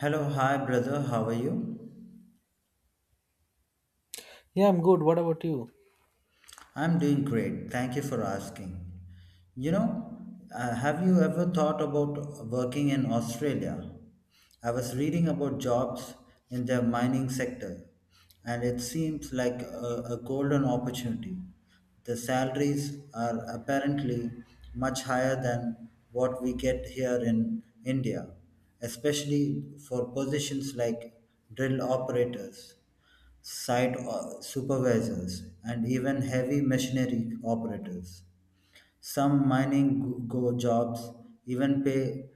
Hello, hi brother, how are you? Yeah, I'm good. What about you? I'm doing great. Thank you for asking. You know, have you ever thought about working in Australia? I was reading about jobs in the mining sector, and it seems like a golden opportunity. The salaries are apparently much higher than what we get here in India, especially for positions like drill operators. Supervisors, and even heavy machinery operators. Some mining jobs even pay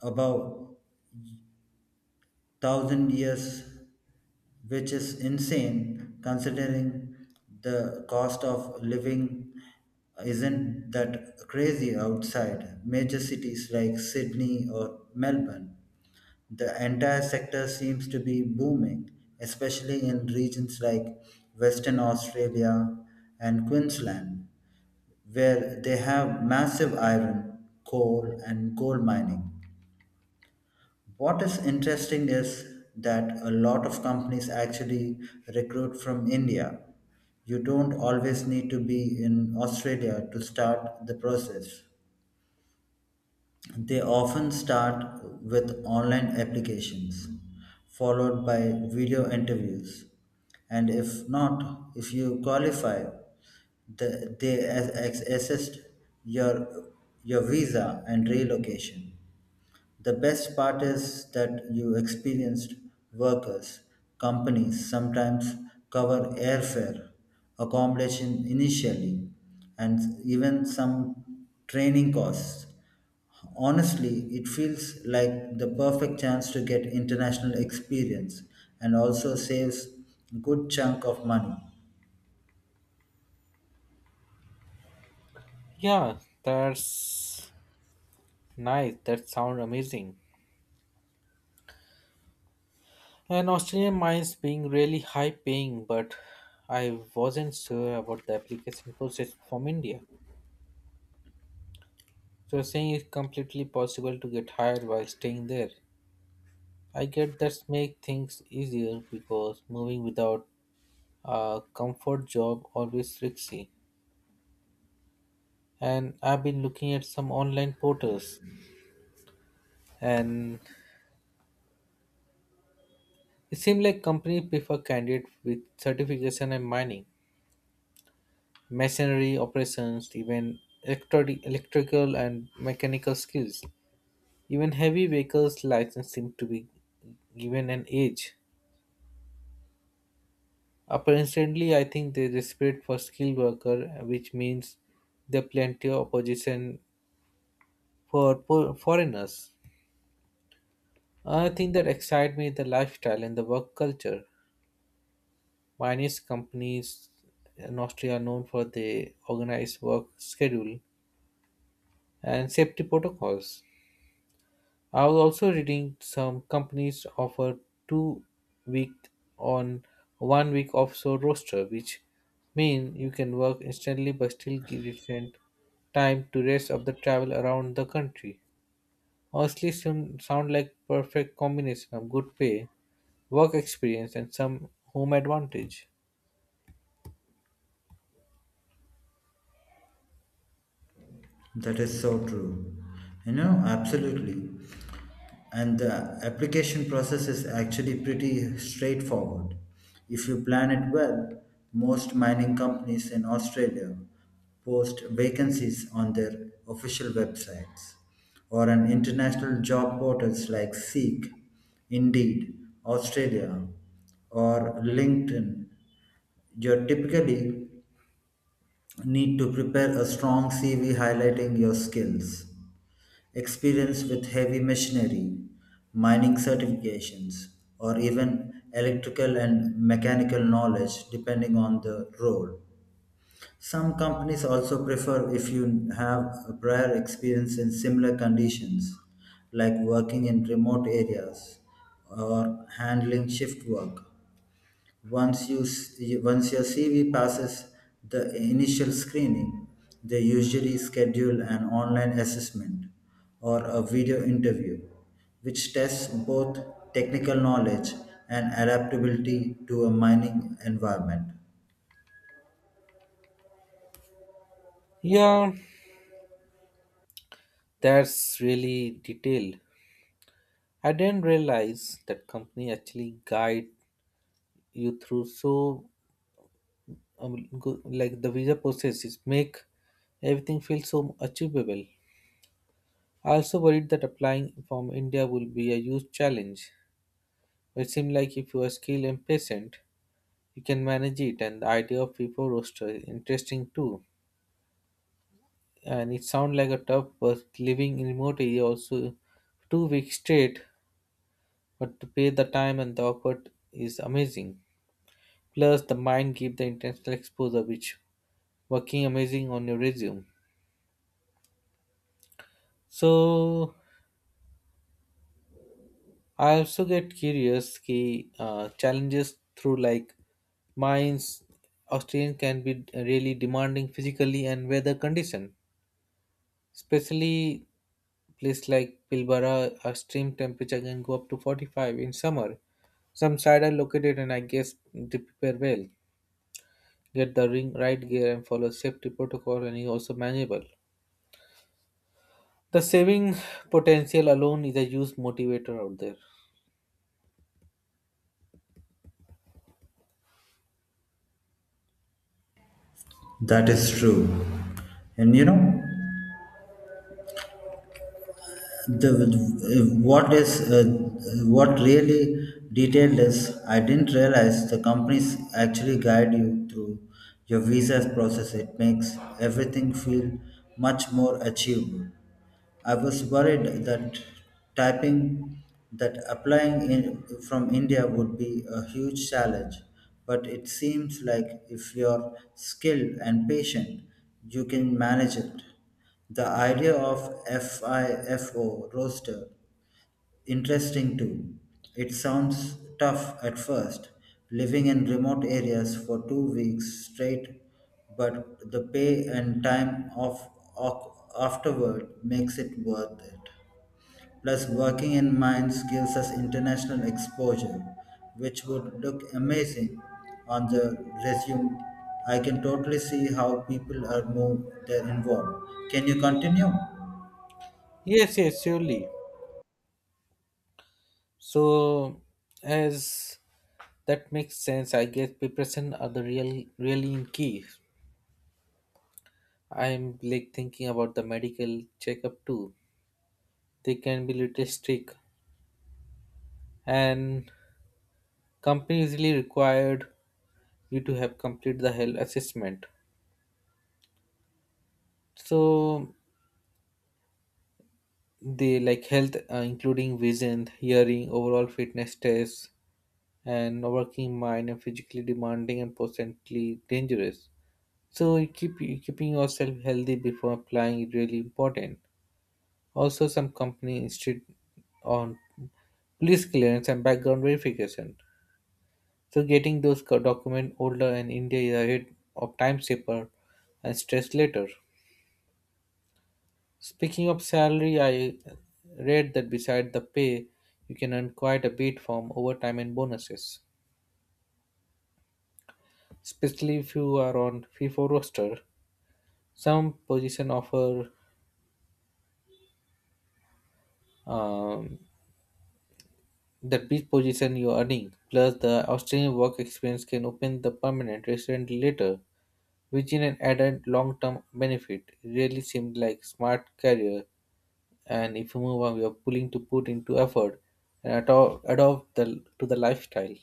above 1,000 years, which is insane considering the cost of living isn't that crazy outside major cities like Sydney or Melbourne. The entire sector seems to be booming, especially in regions like Western Australia and Queensland, where they have massive iron, coal, and coal mining. What is interesting is that a lot of companies actually recruit from India. You don't always need to be in Australia to start the process. They often start with online applications, followed by video interviews. And if not, if you qualify, they assist your, your visa and relocation. The best part is that you experienced workers, companies sometimes cover airfare, accommodation initially, and even some training costs. Honestly, it feels like the perfect chance to get international experience and also saves good chunk of money. Yeah, that's nice. That sounds amazing. And Australian mines being really high paying, but I wasn't sure about the application process from India. So you're saying it's completely possible to get hired while staying there. I get that make things easier because moving without a comfort job always risky. And I've been looking at some online portals, and it seems like companies prefer candidates with certification and mining, machinery operations, even electrical and mechanical skills. Even heavy vehicles license seem to be given an age. Apparently, I think they desperate for skilled worker, which means there are plenty of opposition for foreigners. Another thing that excites me is the lifestyle and the work culture. Mining companies in Austria are known for the organized work schedule and safety protocols. I was also reading some companies offer 2 week on 1 week offshore roster, which mean you can work instantly but still give decent time to rest of the travel around the country. Honestly, soon sound like perfect combination of good pay, work experience, and some home advantage. That is so true. You know, absolutely. And the application process is actually pretty straightforward. If you plan it well, most mining companies in Australia post vacancies on their official websites or on international job portals like Seek, Indeed, Australia, or LinkedIn. You typically need to prepare a strong CV highlighting your skills. Experience with heavy machinery, mining certifications, or even electrical and mechanical knowledge depending on the role. Some companies also prefer if you have a prior experience in similar conditions, like working in remote areas or handling shift work. Once your CV passes the initial screening, they usually schedule an online assessment or a video interview, which tests both technical knowledge and adaptability to a mining environment. Yeah, that's really detailed. I didn't realize that company actually guide you through so like the visa processes make everything feel so achievable. I also worried that applying from India will be a huge challenge. It seemed like if you are skilled and patient, you can manage it, and the idea of people roster is interesting too. And it sounds like a tough but living in remote area also 2 weeks straight, but to pay the time and the effort is amazing. Plus, the mind give the international exposure, which working amazing on your resume. So I also get curious ki challenges through like mines or terrain can be really demanding physically and weather condition. Especially place like Pilbara, a stream temperature can go up to 45 in summer. Some side are located and I guess they prepare well. Get the ring right gear and follow safety protocol and is also manageable. The saving potential alone is a huge motivator out there. That is true. And you know, the what is what really detailed is I didn't realize the companies actually guide you through your visa process. It makes everything feel much more achievable. I was worried that typing that applying from India would be a huge challenge, but it seems like if you're skilled and patient, you can manage it. The idea of FIFO roster interesting too. It sounds tough at first, living in remote areas for 2 weeks straight, but the pay and time afterward makes it worth it. Plus, working in mines gives us international exposure, which would look amazing on the resume. I can totally see how people are more they're involved. Can you continue? Yes, yes, surely. So, as that makes sense, I guess preparation are the really key. I'm like thinking about the medical checkup too. They can be little strict, and company usually required you to have complete the health assessment. So they like health, including vision, hearing, overall fitness tests, and working mind and physically demanding and potentially dangerous. So keeping yourself healthy before applying is really important. Also, some company insist on police clearance and background verification. So getting those document older and India is ahead of time safer and stress later. Speaking of salary, I read that beside the pay, you can earn quite a bit from overtime and bonuses, especially if you are on FIFO roster. Some position offer um, the beach position you're earning, plus the Australian work experience can open the permanent resident later, which is an added long-term benefit. Really seemed like smart career, and if you move on, you're willing to put into effort and adopt the to the lifestyle.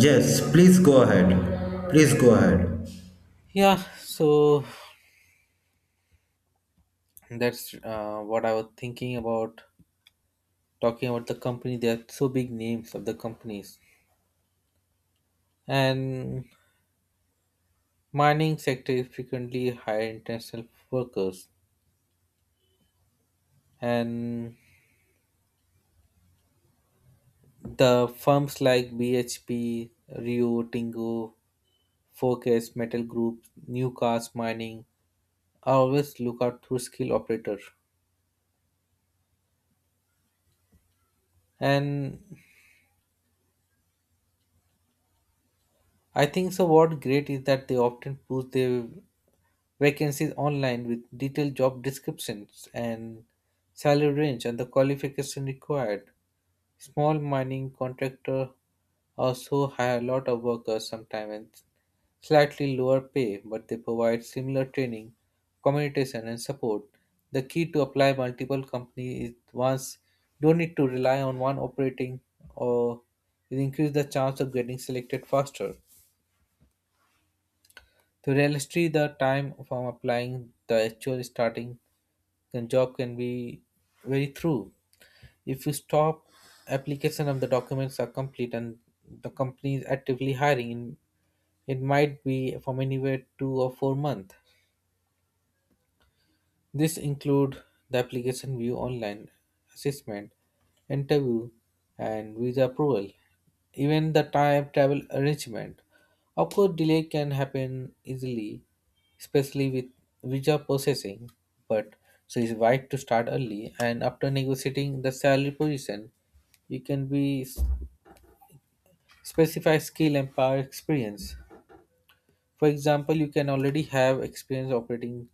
Yes, please go ahead. Please go ahead. Yeah, so that's what I was thinking about talking about the company. There are so big names of the companies, and mining sector is frequently hire international workers, and the firms like BHP, Rio Tingo, Focus Metal Group, Newcast Mining are always look out through skill operator. And I think so what great is that they often post their vacancies online with detailed job descriptions and salary range and the qualification required. Small mining contractor also hire a lot of workers sometimes and slightly lower pay, but they provide similar training, communication, and support. The key to apply multiple companies is once don't need to rely on one operating or it increase the chance of getting selected faster. To realistically the time from applying the actual starting the job can be very true. If you stop application of the documents are complete and the company is actively hiring in it might be from anywhere 2 or 4 months. This include the application view online, assessment, interview, and visa approval, even the time travel arrangement. Of course, delay can happen easily, especially with visa processing, but so it's right to start early and after negotiating the salary position, you can be specify skill and power experience. For example, you can already have experience operating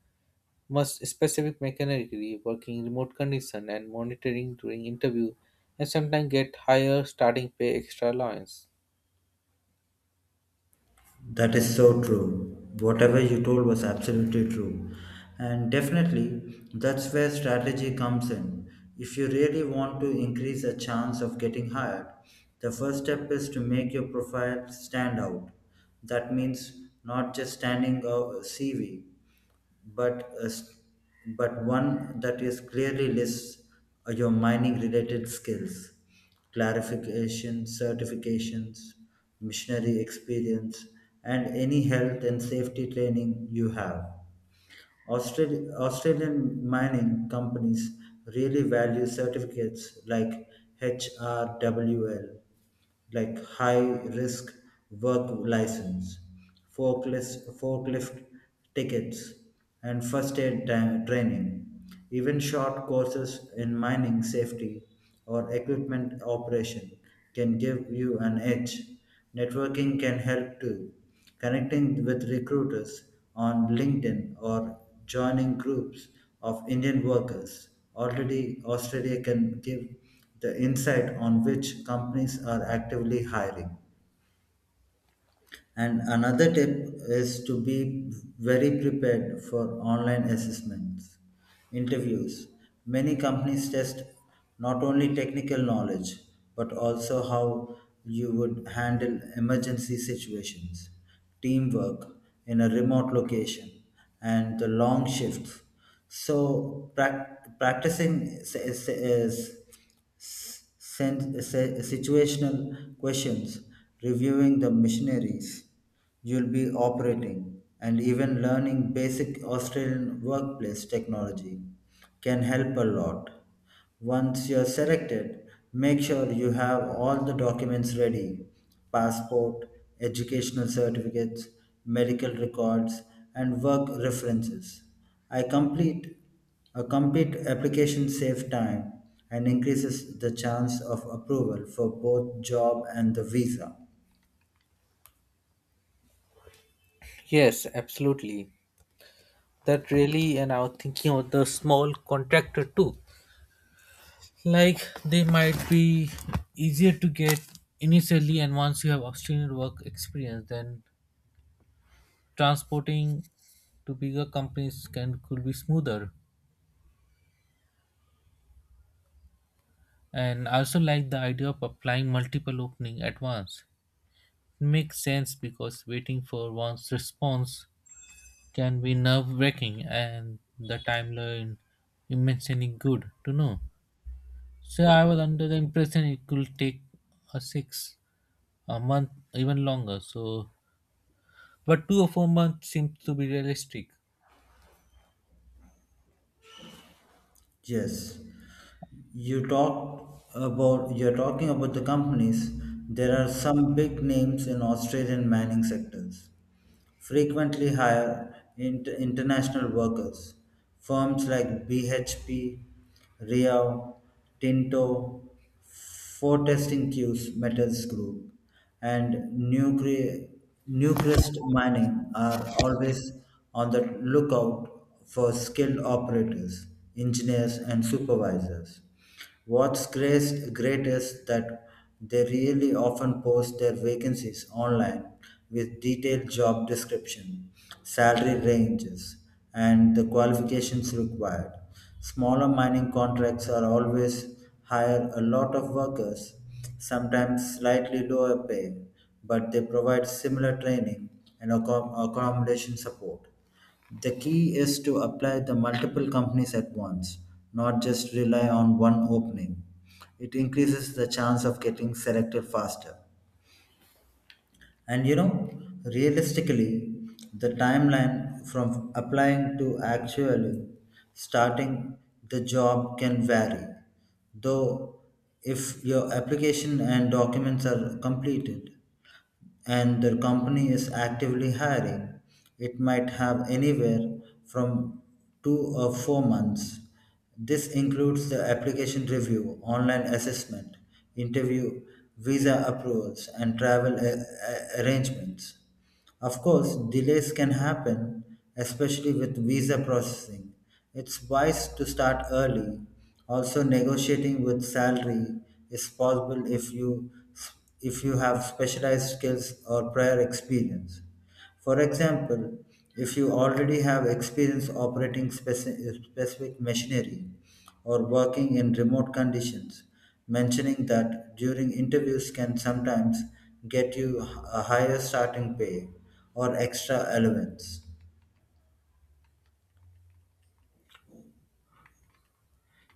must specific mechanically working in remote condition and monitoring during interview and sometimes get higher starting pay extra allowance. That is so true. Whatever you told was absolutely true. And definitely, that's where strategy comes in. If you really want to increase a chance of getting hired, the first step is to make your profile stand out. That means not just standing a CV, but a s- but one that is clearly lists your mining related skills, clarification, certifications, missionary experience, and any health and safety training you have. Australian mining companies really value certificates like HRWL, like high risk work license, forklift tickets, and first aid training. Even short courses in mining safety or equipment operation can give you an edge. Networking can help too. Connecting with recruiters on LinkedIn or joining groups of Indian workers already Australia can give the insight on which companies are actively hiring. And another tip is to be very prepared for online assessments, interviews. Many companies test not only technical knowledge, but also how you would handle emergency situations, teamwork in a remote location, and the long shifts. So, practicing is situational questions, reviewing the missionaries you'll be operating and even learning basic Australian workplace technology can help a lot. Once you're selected, make sure you have all the documents ready: passport, educational certificates, medical records, and work references. I complete a complete application saves time and increases the chance of approval for both job and the visa. Yes, absolutely. That really and I was thinking of the small contractor too. Like they might be easier to get initially and once you have obtained work experience then transporting to bigger companies can could be smoother. And I also like the idea of applying multiple opening at once. It makes sense because waiting for one's response can be nerve wracking and the timeline immensely good to know. So I was under the impression it could take a six, a month, even longer. So, but 2 or 4 months seems to be realistic. Yes, you're talking about the companies. There are some big names in Australian mining sectors. Frequently hire international workers. Firms like BHP, Rio, Tinto, four testing cues, metals group, and nucre- Newcrest mining are always on the lookout for skilled operators, engineers, and supervisors. What's great is that they really often post their vacancies online with detailed job description, salary ranges, and the qualifications required. Smaller mining contracts are always hire a lot of workers, sometimes slightly lower pay, but they provide similar training and accommodation support. The key is to apply the multiple companies at once, not just rely on one opening. It increases the chance of getting selected faster. And you know, realistically, the timeline from applying to actually starting the job can vary. Though, if your application and documents are completed, and the company is actively hiring. It might have anywhere from 2 or 4 months. This includes the application review, online assessment, interview, visa approvals, and travel arrangements. Of course, delays can happen, especially with visa processing. It's wise to start early. Also, negotiating with salary is possible if you have specialized skills or prior experience. For example, if you already have experience operating specific machinery or working in remote conditions, mentioning that during interviews can sometimes get you a higher starting pay or extra allowance.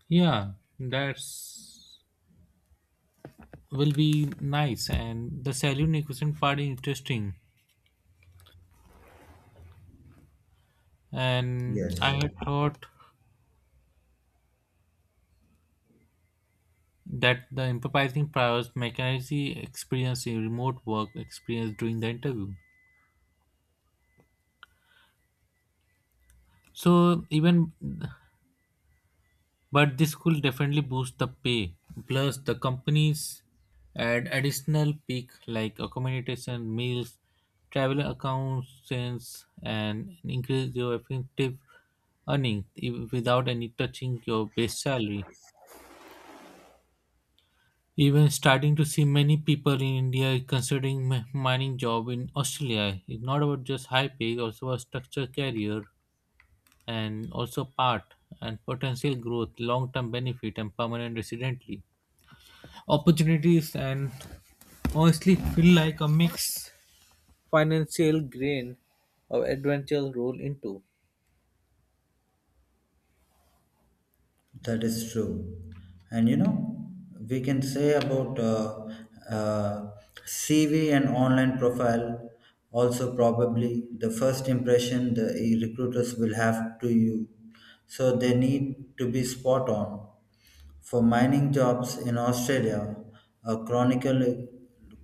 Yeah, that's will be nice. And the saloon equation part is interesting. And I Yes. had thought that the empathizing powers McKenzie experience in remote work experience during the interview. So even but this could definitely boost the pay. Plus the companies add additional peak like accommodation, meals, travel accounts, and increase your effective earning without any touching your base salary. Even starting to see many people in India considering mining job in Australia, it's not about just high pay, also a structure career and also part and potential growth long-term benefit and permanent residently opportunities, and honestly feel like a mix financial grain of adventure roll into. That is true. And you know, we can say about uh, CV and online profile also probably the first impression the recruiters will have to you. So they need to be spot on. For mining jobs in Australia, a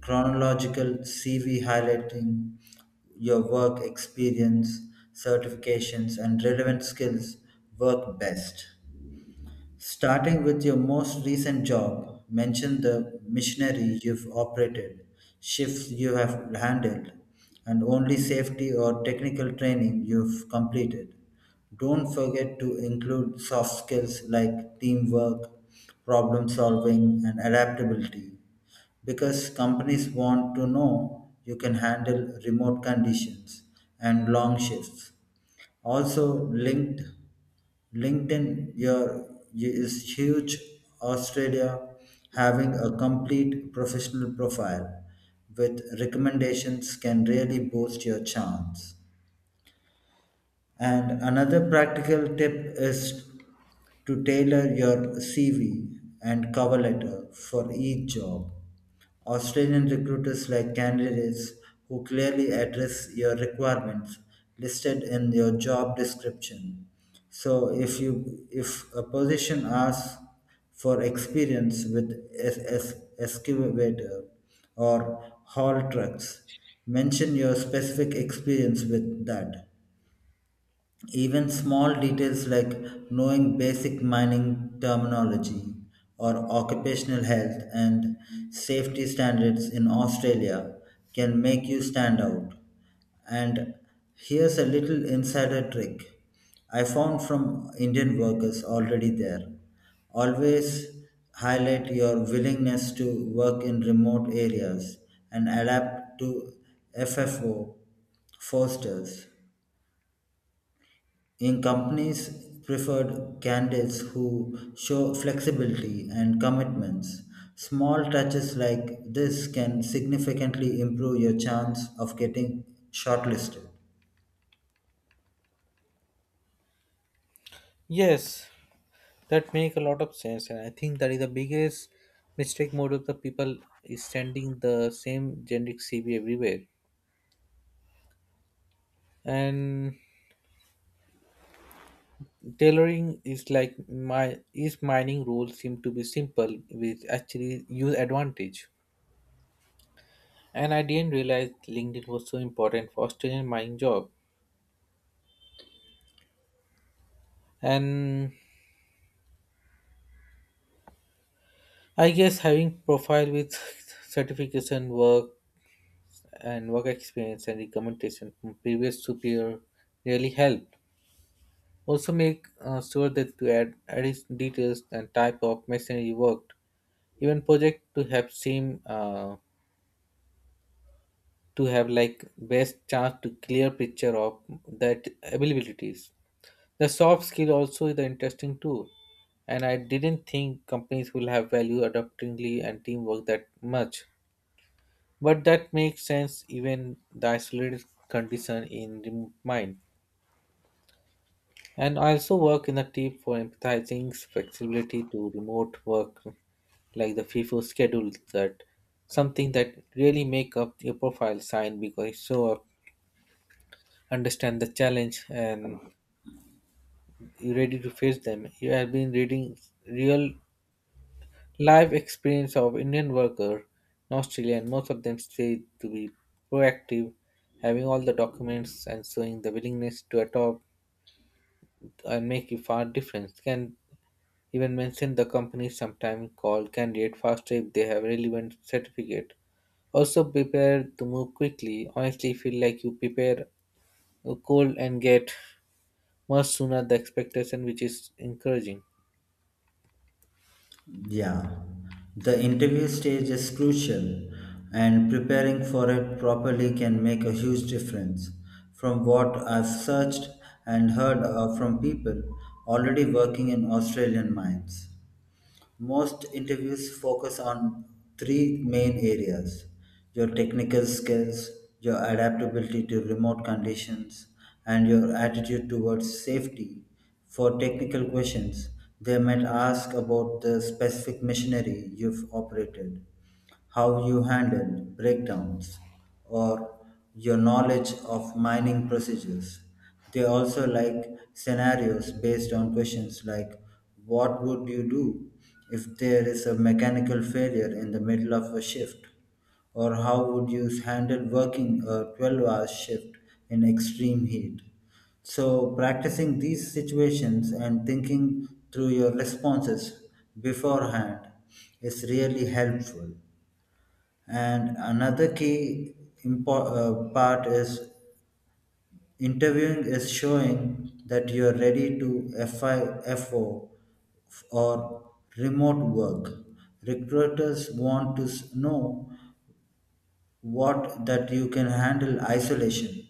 chronological CV highlighting your work experience, certifications, and relevant skills work best. Starting with your most recent job, mention the missionary you've operated, shifts you have handled, and only safety or technical training you've completed. Don't forget to include soft skills like teamwork, problem solving, and adaptability because companies want to know you can handle remote conditions and long shifts. Also, LinkedIn Your is huge. Australia having a complete professional profile with recommendations can really boost your chance. And another practical tip is to tailor your CV and cover letter for each job. Australian recruiters like candidates who clearly address your requirements listed in your job description. So if a position asks for experience with excavator or haul trucks, mention your specific experience with that. Even small details like knowing basic mining terminology or occupational health and safety standards in Australia can make you stand out. And here's a little insider trick I found from Indian workers already there. Always highlight your willingness to work in remote areas and adapt to FFO fosters in companies preferred candidates who show flexibility and commitments. Small touches like this can significantly improve your chance of getting shortlisted. Yes, that make a lot of sense, and I think that is the biggest mistake mode of the people is sending the same generic CV everywhere, and tailoring is like my is mining rules seem to be simple with actually use advantage. And I didn't realize LinkedIn was so important for Australian mining job. And I guess having profile with certification work and work experience and recommendation from previous superior really helped. Also make sure that to add its details and type of machinery worked, even project to have same to have like best chance to clear picture of that availabilities. The soft skill also is the interesting too, and I didn't think companies will have value adaptingly and teamwork that much. But that makes sense even the isolated condition in the mind. And I also work in a team for empathizing flexibility to remote work like the FIFO schedule that something that really make up your profile sign because it's so understand the challenge and you're ready to face them. You have been reading real life experience of Indian worker in Australia, and most of them say to be proactive, having all the documents and showing the willingness to adopt and make a far difference. Can even mention the company sometime call candidate faster if they have relevant certificate. Also prepare to move quickly. Honestly, feel like you prepare a cold and get much sooner the expectation, which is encouraging. Yeah, the interview stage is crucial, and preparing for it properly can make a huge difference. From what I've searched and heard from people already working in Australian mines. Most interviews focus on 3 main areas: your technical skills, your adaptability to remote conditions, and your attitude towards safety. For technical questions, they might ask about the specific machinery you've operated, how you handled breakdowns, or your knowledge of mining procedures. They also like scenarios based on questions like what would you do if there is a mechanical failure in the middle of a shift? Or how would you handle working a 12-hour shift in extreme heat? So, practicing these situations and thinking through your responses beforehand is really helpful. And another key part is interviewing is showing that you are ready to FIFO or remote work. Recruiters want to know what that you can handle isolation,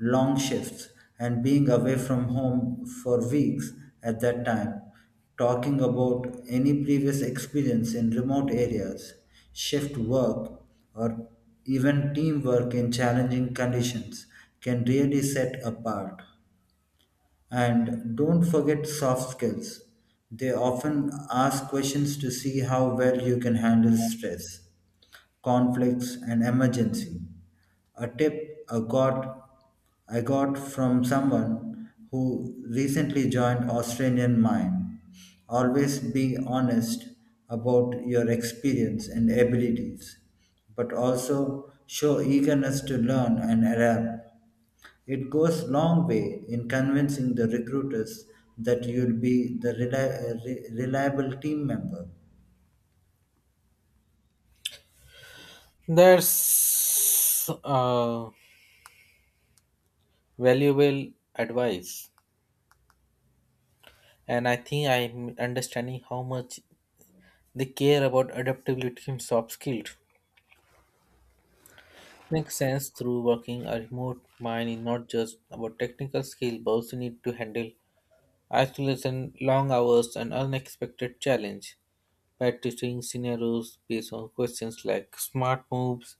long shifts, and being away from home for weeks at that time. Talking about any previous experience in remote areas, shift work, or even teamwork in challenging conditions can really set apart. And don't forget soft skills. They often ask questions to see how well you can handle stress, conflicts, and emergency. A tip I got from someone who recently joined Australian Mine. Always be honest about your experience and abilities, but also show eagerness to learn and adapt. It goes long way in convincing the recruiters that you'll be the reliable team member. That's valuable advice, and I think I'm understanding how much they care about adaptability and soft skills. Makes sense through working a remote mind is not just about technical skill, but also need to handle isolation, long hours, and unexpected challenge. Practicing scenarios based on questions like smart moves,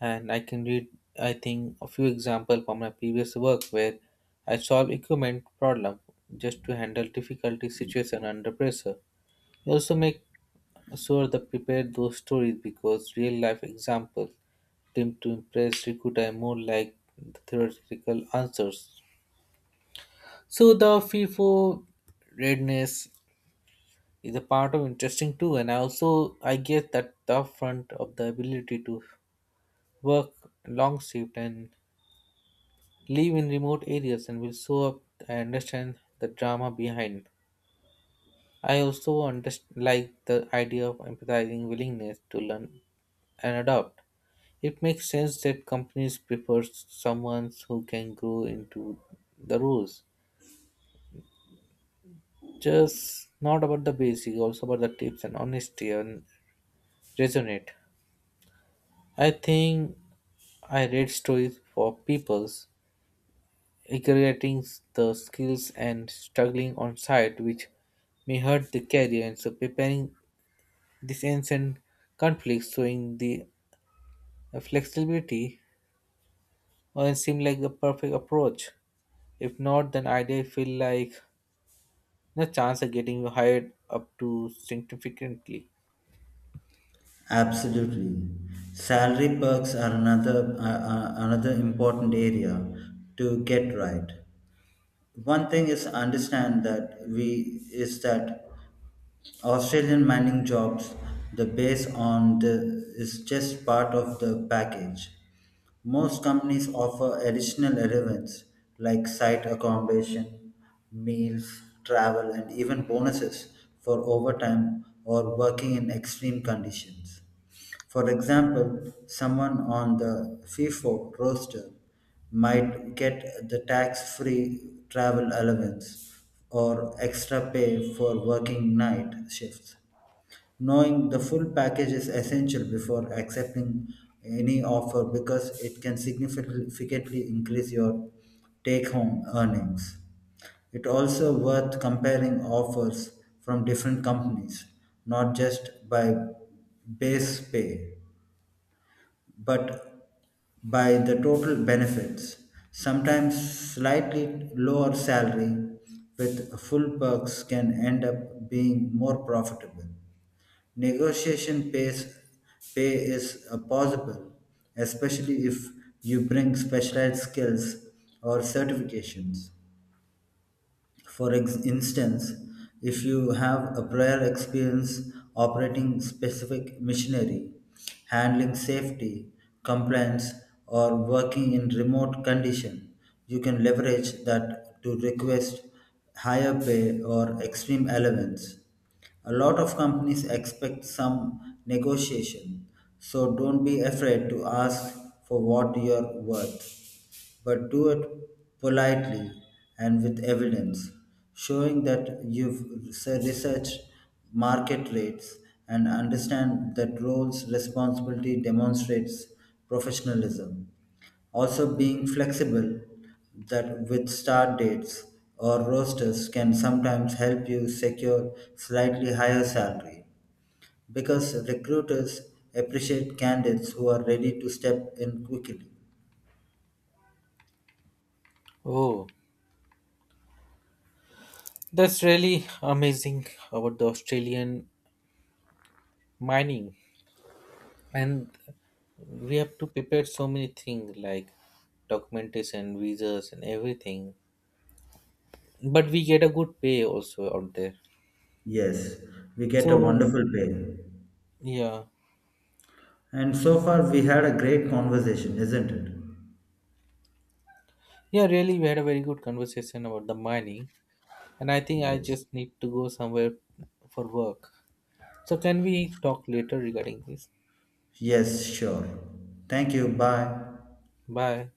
and I can read, I think, a few examples from my previous work where I solve equipment problem just to handle difficulty situation under pressure. We also make sure that prepare those stories because real life examples tend to impress recruiter more like the theoretical answers. So the FIFO readiness is a part of interesting too, and I also I guess that the front of the ability to work long shift and live in remote areas and will show up and understand the drama behind. I also like the idea of empathizing willingness to learn and adopt. It makes sense that companies prefer someone who can grow into the rules. Just not about the basic, also about the tips and honesty and resonate. I think I read stories for people's integrating the skills and struggling on site, which may hurt the career, and so preparing this ancient conflict, showing the flexibility and seem like a perfect approach. If not, then idea feel like no chance of getting hired up to significantly. Absolutely. Salary perks are another another important area to get right. One thing is understand that we is that Australian mining jobs the base on the is just part of the package. Most companies offer additional elements like site accommodation, meals, travel and even bonuses for overtime or working in extreme conditions. For example, someone on the FIFO roster might get the tax free travel allowance or extra pay for working night shifts. Knowing the full package is essential before accepting any offer because it can significantly increase your take home earnings. It also worth comparing offers from different companies, not just by base pay but by the total benefits, sometimes slightly lower salary with full perks can end up being more profitable. Negotiation pay is possible, especially if you bring specialized skills or certifications. For instance, if you have a prior experience operating specific machinery, handling safety, compliance, or working in remote condition, you can leverage that to request higher pay or extreme allowance. A lot of companies expect some negotiation, so don't be afraid to ask for what you're worth. But do it politely and with evidence, showing that you've researched market rates and understand that roles responsibility demonstrates professionalism. Also, being flexible that with start dates or rosters can sometimes help you secure slightly higher salary because recruiters appreciate candidates who are ready to step in quickly. Oh, that's really amazing about the Australian mining, and we have to prepare so many things like documentation, visas, and everything. But we get a good pay also out there. Yes, we get a So wonderful pay. yeah. And so far, we had a great conversation, isn't it? Yeah, really, we had a very good conversation about the money, and I think I Yes. just need to go somewhere for work. So, can we talk later regarding this? Yes, sure. Thank you. Bye. Bye.